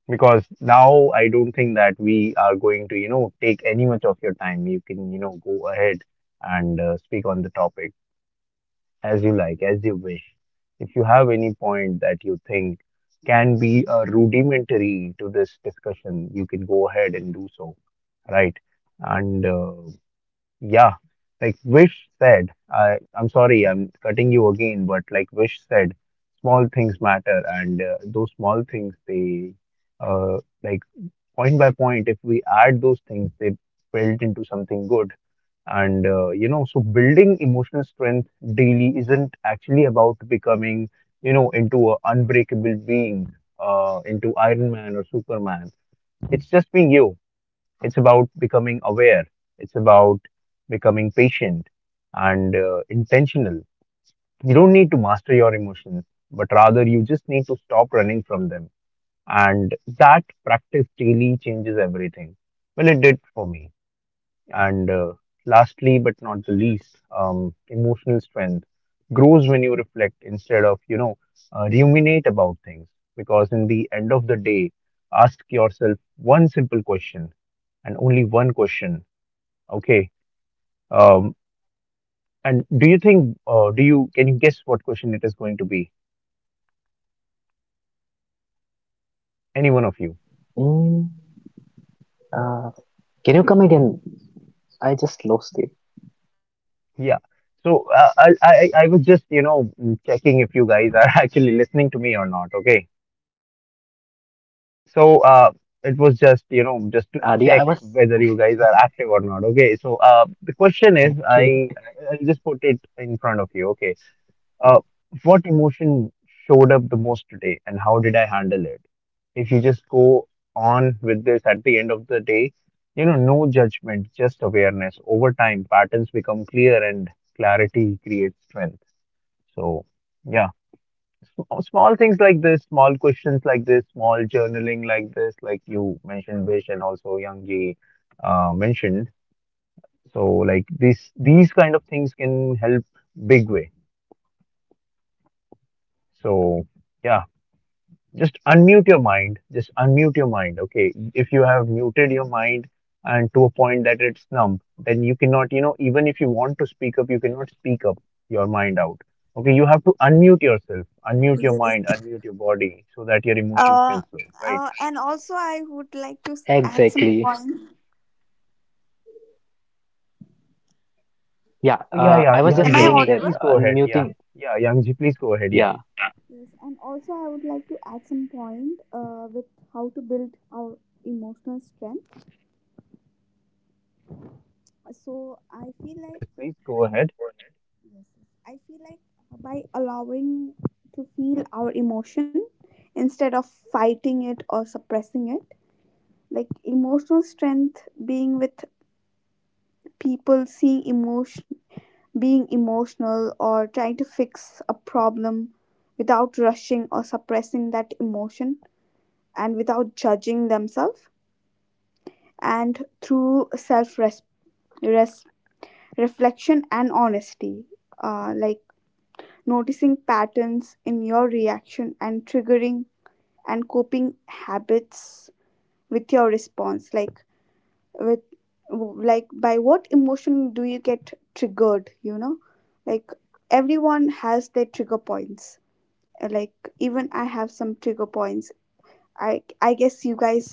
Speaker 1: Because now I don't think that we are going to, you know, take any much of your time. You can, you know, go ahead and speak on the topic, as you like, as you wish. If you have any point that you think can be rudimentary to this discussion, you can go ahead and do so, right? And Yeah, like Vish said, I'm sorry, I'm cutting you again, but like Vish said, small things matter, and those small things they uh, like point by point if we add those things, they build into something good, and you know, so building emotional strength daily isn't actually about becoming, you know, into an unbreakable being, into Iron Man or Superman. It's just being you. It's about becoming aware. It's about becoming patient and intentional. You don't need to master your emotions, but rather you just need to stop running from them, and that practice daily changes everything. Well, it did for me. And Lastly, but not the least, emotional strength grows when you reflect instead of, you know, ruminate about things. Because in the end of the day, ask yourself one simple question and only one question. Okay. Um, and do you think? Do you Can you guess what question it is going to be? Any one of you?
Speaker 2: Mm, uh, can you come again? I just lost it.
Speaker 1: Yeah. So I was just, you know, checking if you guys are *laughs* actually listening to me or not. Okay. So it was just,
Speaker 2: It's
Speaker 1: you
Speaker 2: not like
Speaker 1: know, just
Speaker 2: that,
Speaker 1: to
Speaker 2: Adi. I was
Speaker 1: check whether you guys are active or not. Okay. So the question is,
Speaker 2: okay. *laughs*
Speaker 1: I'll just put it in front of you. Okay. Uh, what emotion showed up the most today, and how did I handle it? If you just go on with this at the end of the day, you know, no judgment, just awareness. Over time, patterns become clear, and clarity creates strength. So, yeah, small things like this, small questions like this, small journaling like this, like you mentioned, Vish, and also Young Ji mentioned. So, like these kind of things can help big way. So, yeah. Just unmute your mind, just unmute your mind. Okay, if you have muted your mind and to a point that it's numb, then you cannot, you know, even if you want to speak up, you cannot speak up your mind out. Okay, you have to unmute yourself. Unmute your
Speaker 3: Yes.
Speaker 1: mind, unmute your body so that your emotions
Speaker 3: Uh,
Speaker 1: can flow, right?
Speaker 3: and also, I would like to add some
Speaker 2: Exactly.
Speaker 3: point.
Speaker 2: Yeah,
Speaker 1: Oh, yeah,
Speaker 2: I
Speaker 1: yeah,
Speaker 2: was just
Speaker 3: Am I
Speaker 1: Yangji,
Speaker 2: saying that
Speaker 3: audible?
Speaker 1: please go ahead. Yeah,
Speaker 2: unmuting.
Speaker 1: yeah, Yangji, please go ahead. Yeah,
Speaker 2: Yeah,
Speaker 3: Yes. And also, I would like to add some point with how to build our emotional strength. So I
Speaker 1: yeah,
Speaker 3: feel like,
Speaker 1: yes, please go ahead.
Speaker 3: yes. I feel like by allowing to feel our emotion instead of fighting it or suppressing it, like emotional strength, being with people, seeing emotion, being emotional, or trying to fix a problem without rushing or suppressing that emotion and without judging themselves, and through self reflection and honesty, like noticing patterns in your reaction and triggering and coping habits with your response. Like, with, like, by what emotion do you get triggered, you know. Like, everyone has their trigger points. Like, even I have some trigger points. I guess you guys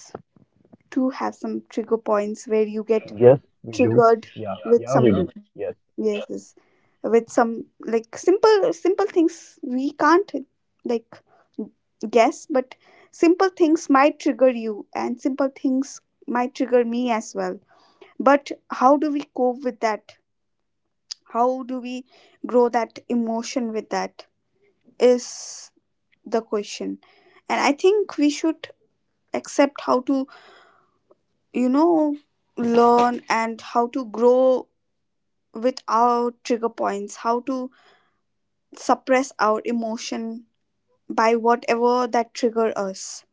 Speaker 3: too have some trigger points where you get
Speaker 1: Yes, we do.
Speaker 3: triggered
Speaker 1: Yeah,
Speaker 3: with
Speaker 1: yeah,
Speaker 3: some,
Speaker 1: we do. Yes.
Speaker 3: yes, with some, like, simple things. We can't, like, guess, but simple things might trigger you, and simple things might trigger me as well. But how do we cope with that? How do we grow that emotion with that? Is the question. And I think we should accept how to you know learn and how to grow with our trigger points, how to suppress our emotion by whatever that trigger us,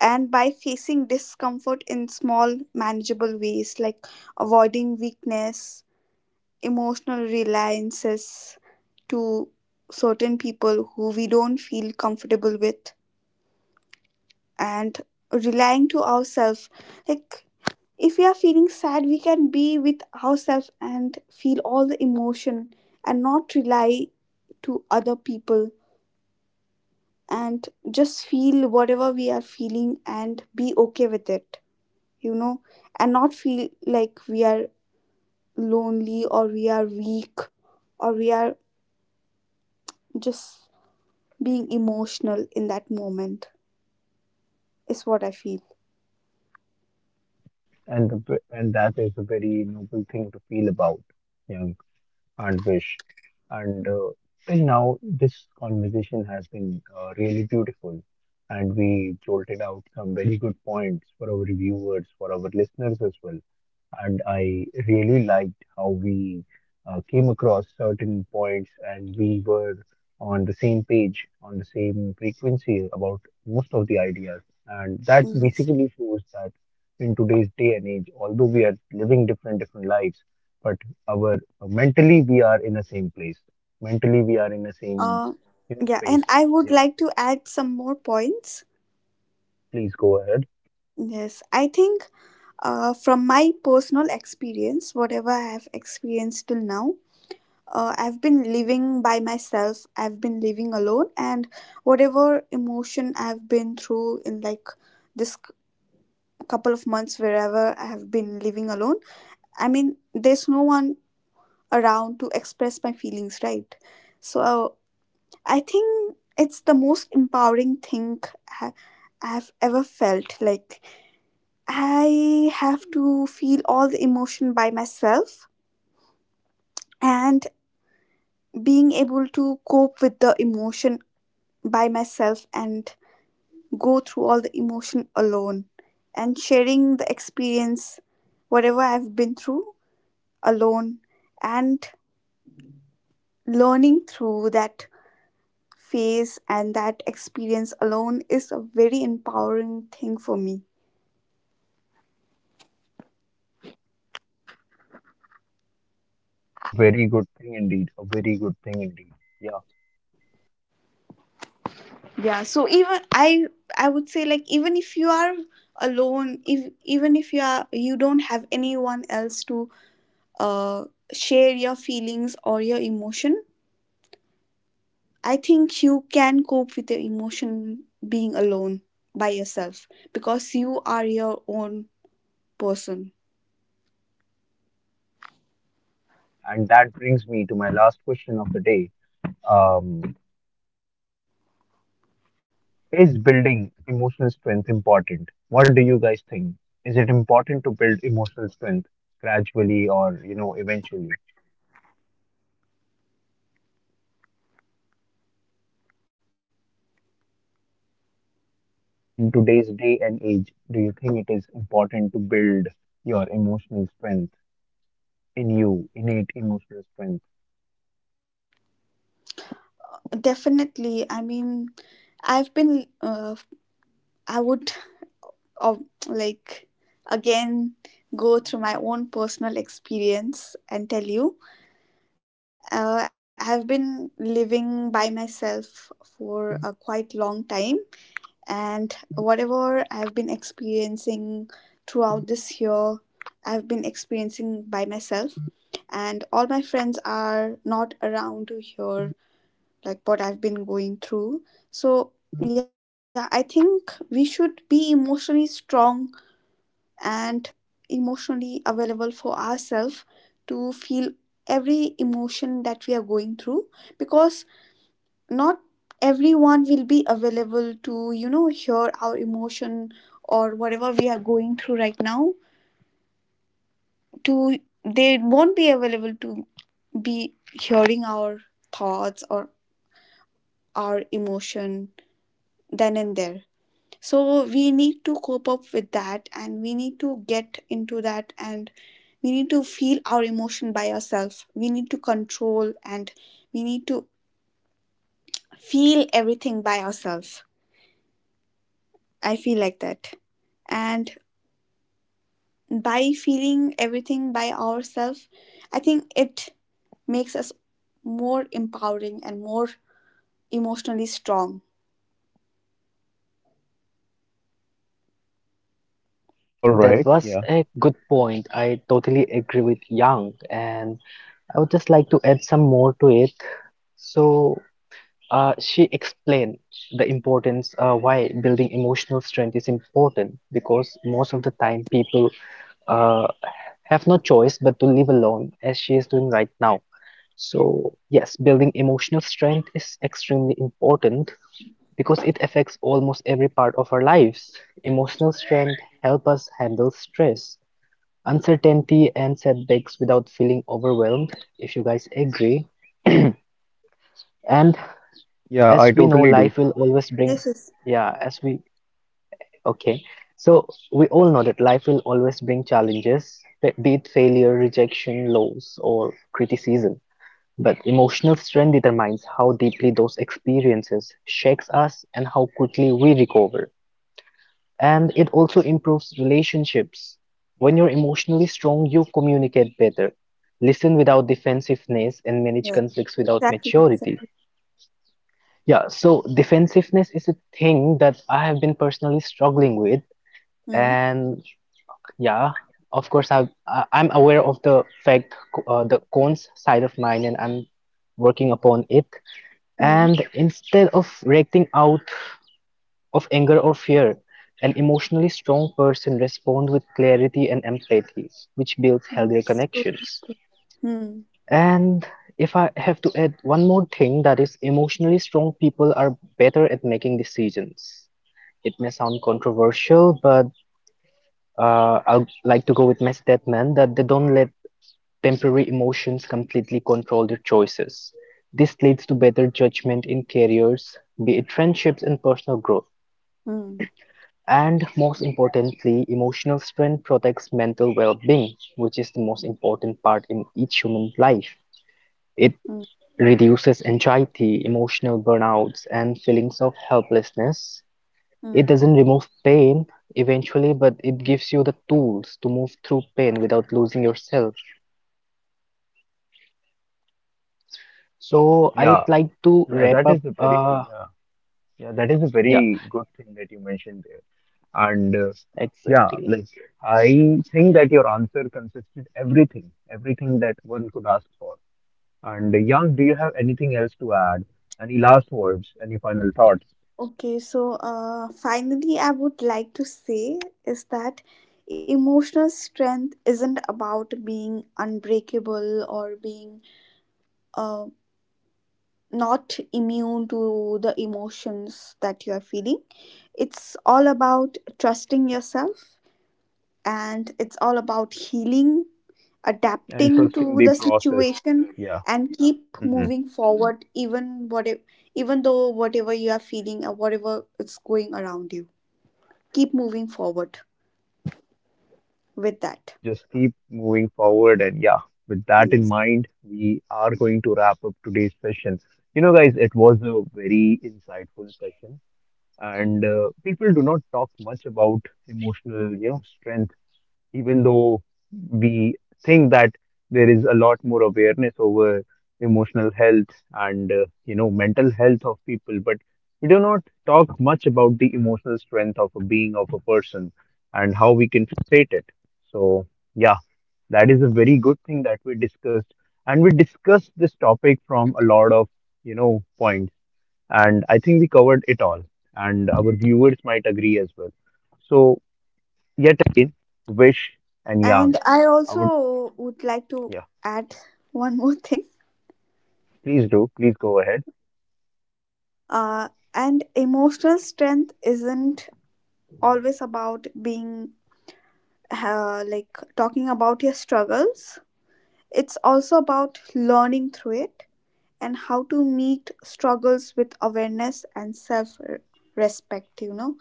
Speaker 3: and by facing discomfort in small manageable ways, like avoiding weakness, emotional reliances to certain people who we don't feel comfortable with, and relying to ourselves. Like if we are feeling sad, we can be with ourselves and feel all the emotion and not rely to other people, and just feel whatever we are feeling and be okay with it, you know and not feel like we are lonely or we are weak or we are just being emotional in that moment, is what I feel.
Speaker 1: And that is a very noble thing to feel about. Yeah. And Wish. And Till now, this conversation has been really beautiful, and we jolted out some very good points for our viewers, for our listeners as well. And I really liked how we came across certain points, and we were on the same page, on the same frequency about most of the ideas. And that
Speaker 3: Yes,
Speaker 1: basically shows that in today's day and age, although we are living different different lives, but our mentally we are in the same place, mentally we are in the same,
Speaker 3: uh
Speaker 1: you know,
Speaker 3: yeah,
Speaker 1: space.
Speaker 3: and I would
Speaker 1: Yeah,
Speaker 3: like to add some more points.
Speaker 1: please go ahead.
Speaker 3: Yes, I think from my personal experience, whatever I have experienced till now, I've been living by myself, I've been living alone, and whatever emotion I've been through in like this c- couple of months, wherever I have been living alone, I mean, there's no one around to express my feelings, right? So I think
Speaker 1: Yeah.
Speaker 3: it's the most empowering thing I I have ever felt. Like I have to feel all the emotion by myself, and being able to cope with the emotion by myself, and go through all the emotion alone, and sharing the experience, whatever I've been through alone, and learning through that phase and that experience alone is a very empowering thing for me.
Speaker 1: A very good thing indeed, a very good thing indeed. Yeah.
Speaker 3: Yeah, so even I would say, like, even if you are alone, if even if you are you don't have anyone else to uh share your feelings or your emotion, I think you can cope with your emotion being alone, by yourself, because you are your own person.
Speaker 1: And that brings me to my last question of the day. Um, is building emotional strength important? What do you guys think? Is it important to build emotional strength gradually or, you know, eventually? In today's day and age, do you think it is important to build your emotional strength in you, innate emotional strength?
Speaker 3: Definitely, I mean, I've been I would uh, like again go through my own personal experience and tell you. I've been living by myself for a quite long time, and whatever I've been experiencing throughout this year, I've been experiencing by myself, and all my friends are not around to hear like what I've been going through. So, yeah, I think we should be emotionally strong and emotionally available for ourselves, to feel every emotion that we are going through, because not everyone will be available to hear our emotion or whatever we are going through right now. To, they won't be available to be hearing our thoughts or our emotion then and there. So we need to cope up with that, and we need to get into that, and we need to feel our emotion by ourselves, we need to control, and we need to feel everything by ourselves, I feel like that. And by feeling everything by ourselves, I think it makes us more empowering and more emotionally strong.
Speaker 1: All
Speaker 2: that
Speaker 1: right.
Speaker 2: was
Speaker 1: Yeah.
Speaker 2: a good point. I totally agree with Yang, and I would just like to add some more to it. So she explained the importance why building emotional strength is important because most of the time people uh, have no choice but to live alone as she is doing right now. So, yes, building emotional strength is extremely important because it affects almost every part of our lives. Emotional strength help us handle stress, uncertainty, and setbacks without feeling overwhelmed, if you guys agree. *clears throat* And
Speaker 1: Yeah, I
Speaker 2: as we know
Speaker 1: totally do.
Speaker 2: life will always
Speaker 3: This
Speaker 2: bring
Speaker 3: is,
Speaker 2: yeah as we okay so we all know that life will always bring challenges, be it failure, rejection, loss, or criticism, but emotional strength determines how deeply those experiences shakes us and how quickly we recover. And it also improves relationships. When you're emotionally strong, you communicate better, listen without defensiveness, and manage
Speaker 3: yes,
Speaker 2: conflicts without
Speaker 3: exactly, exactly.
Speaker 2: maturity. Yeah, so defensiveness is a thing that I have been personally struggling with,
Speaker 3: Hmm.
Speaker 2: and yeah, of course I'm aware of the fact, the cons side of mine, and I'm working upon it.
Speaker 3: Hmm.
Speaker 2: And instead of reacting out of anger or fear, an emotionally strong person responds with clarity and empathy, which builds
Speaker 3: Mm,
Speaker 2: healthier
Speaker 3: it's
Speaker 2: connections.
Speaker 3: hmm. Mm.
Speaker 2: And if I have to add one more thing, that is, emotionally strong people are better at making decisions. It may sound controversial, but I'd like to go with my statement that they don't let temporary emotions completely control their choices. This leads to better judgment in careers, be it friendships and personal growth.
Speaker 3: Mm.
Speaker 2: And most importantly, emotional strength protects mental well being, which is the most important part in each human life. It
Speaker 3: Mm.
Speaker 2: reduces anxiety, emotional burnouts, and feelings of helplessness. It
Speaker 3: Hmm.
Speaker 2: doesn't remove pain eventually, but it gives you the tools to move through pain without losing yourself. So
Speaker 1: Yeah,
Speaker 2: I'd like to
Speaker 1: yeah,
Speaker 2: wrap
Speaker 1: that
Speaker 2: up.
Speaker 1: is a very, yeah, yeah, that is a
Speaker 2: Yeah,
Speaker 1: very good thing that you mentioned there. And Yeah,
Speaker 2: exactly.
Speaker 1: like I think that your answer consisted everything, everything that one could ask for. And Yang, do you have anything else to add? Any last words? Any final thoughts?
Speaker 3: Okay, so finally, I would like to say is that emotional strength isn't about being unbreakable or being uh, not immune to the emotions that you are feeling. It's all about trusting yourself, and it's all about healing,
Speaker 1: And
Speaker 3: adapting
Speaker 1: trusting
Speaker 3: to
Speaker 1: the
Speaker 3: the
Speaker 1: process.
Speaker 3: situation,
Speaker 1: Yeah.
Speaker 3: and keep
Speaker 1: Mhm.
Speaker 3: moving forward, even, what even though whatever you are feeling or whatever is going around you. Keep moving forward with that.
Speaker 1: Just keep moving forward. And yeah, with that in
Speaker 3: Yes.
Speaker 1: mind, we are going to wrap up today's session. You know, guys, it was a very insightful session, and people do not talk much about emotional, you know, strength, even though we think that there is a lot more awareness over emotional health and, you know, mental health of people, but we do not talk much about the emotional strength of a being of a person and how we can fate it. So yeah, that is a very good thing that we discussed, and we discussed this topic from a lot of, you know, points, and I think we covered it all, and our viewers might agree as well. So yet again, Wish and
Speaker 3: And
Speaker 1: Yang.
Speaker 3: I
Speaker 1: I would,
Speaker 3: also would like to
Speaker 1: yeah,
Speaker 3: add one more thing.
Speaker 1: please do. Please go ahead.
Speaker 3: And emotional strength isn't always about being like talking about your struggles, it's also about learning through it, and how to meet struggles with awareness and self respect, you know,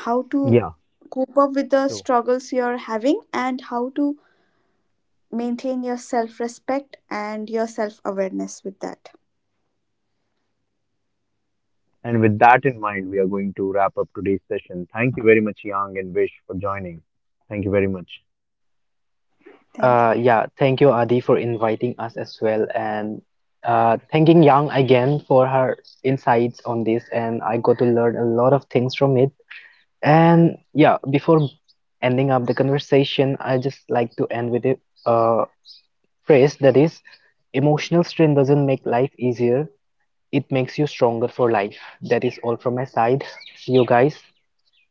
Speaker 3: how to
Speaker 1: Yeah,
Speaker 3: cope up with the
Speaker 1: true.
Speaker 3: struggles you're having and how to maintain your self respect and your self awareness with that.
Speaker 1: And with that in mind, we are going to wrap up today's session. Thank you very much, Yang and Vish, for joining. Thank you very much.
Speaker 3: Thank you.
Speaker 2: Yeah, thank you, Adi, for inviting us as well, and thanking Yang again for her insights on this, and I got to learn a lot of things from it. And yeah, before ending up the conversation, I just like to end with a uh, phrase that is, emotional strain doesn't make life easier, it makes you stronger for life. That is all from my side. See you guys.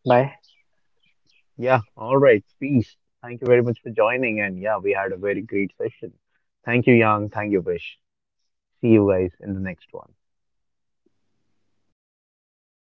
Speaker 2: Bye.
Speaker 1: Yeah, all right, peace. Thank you very much for joining. And yeah, we had a very great session. Thank you, Yang. Thank you, Vish. See you guys in the next one.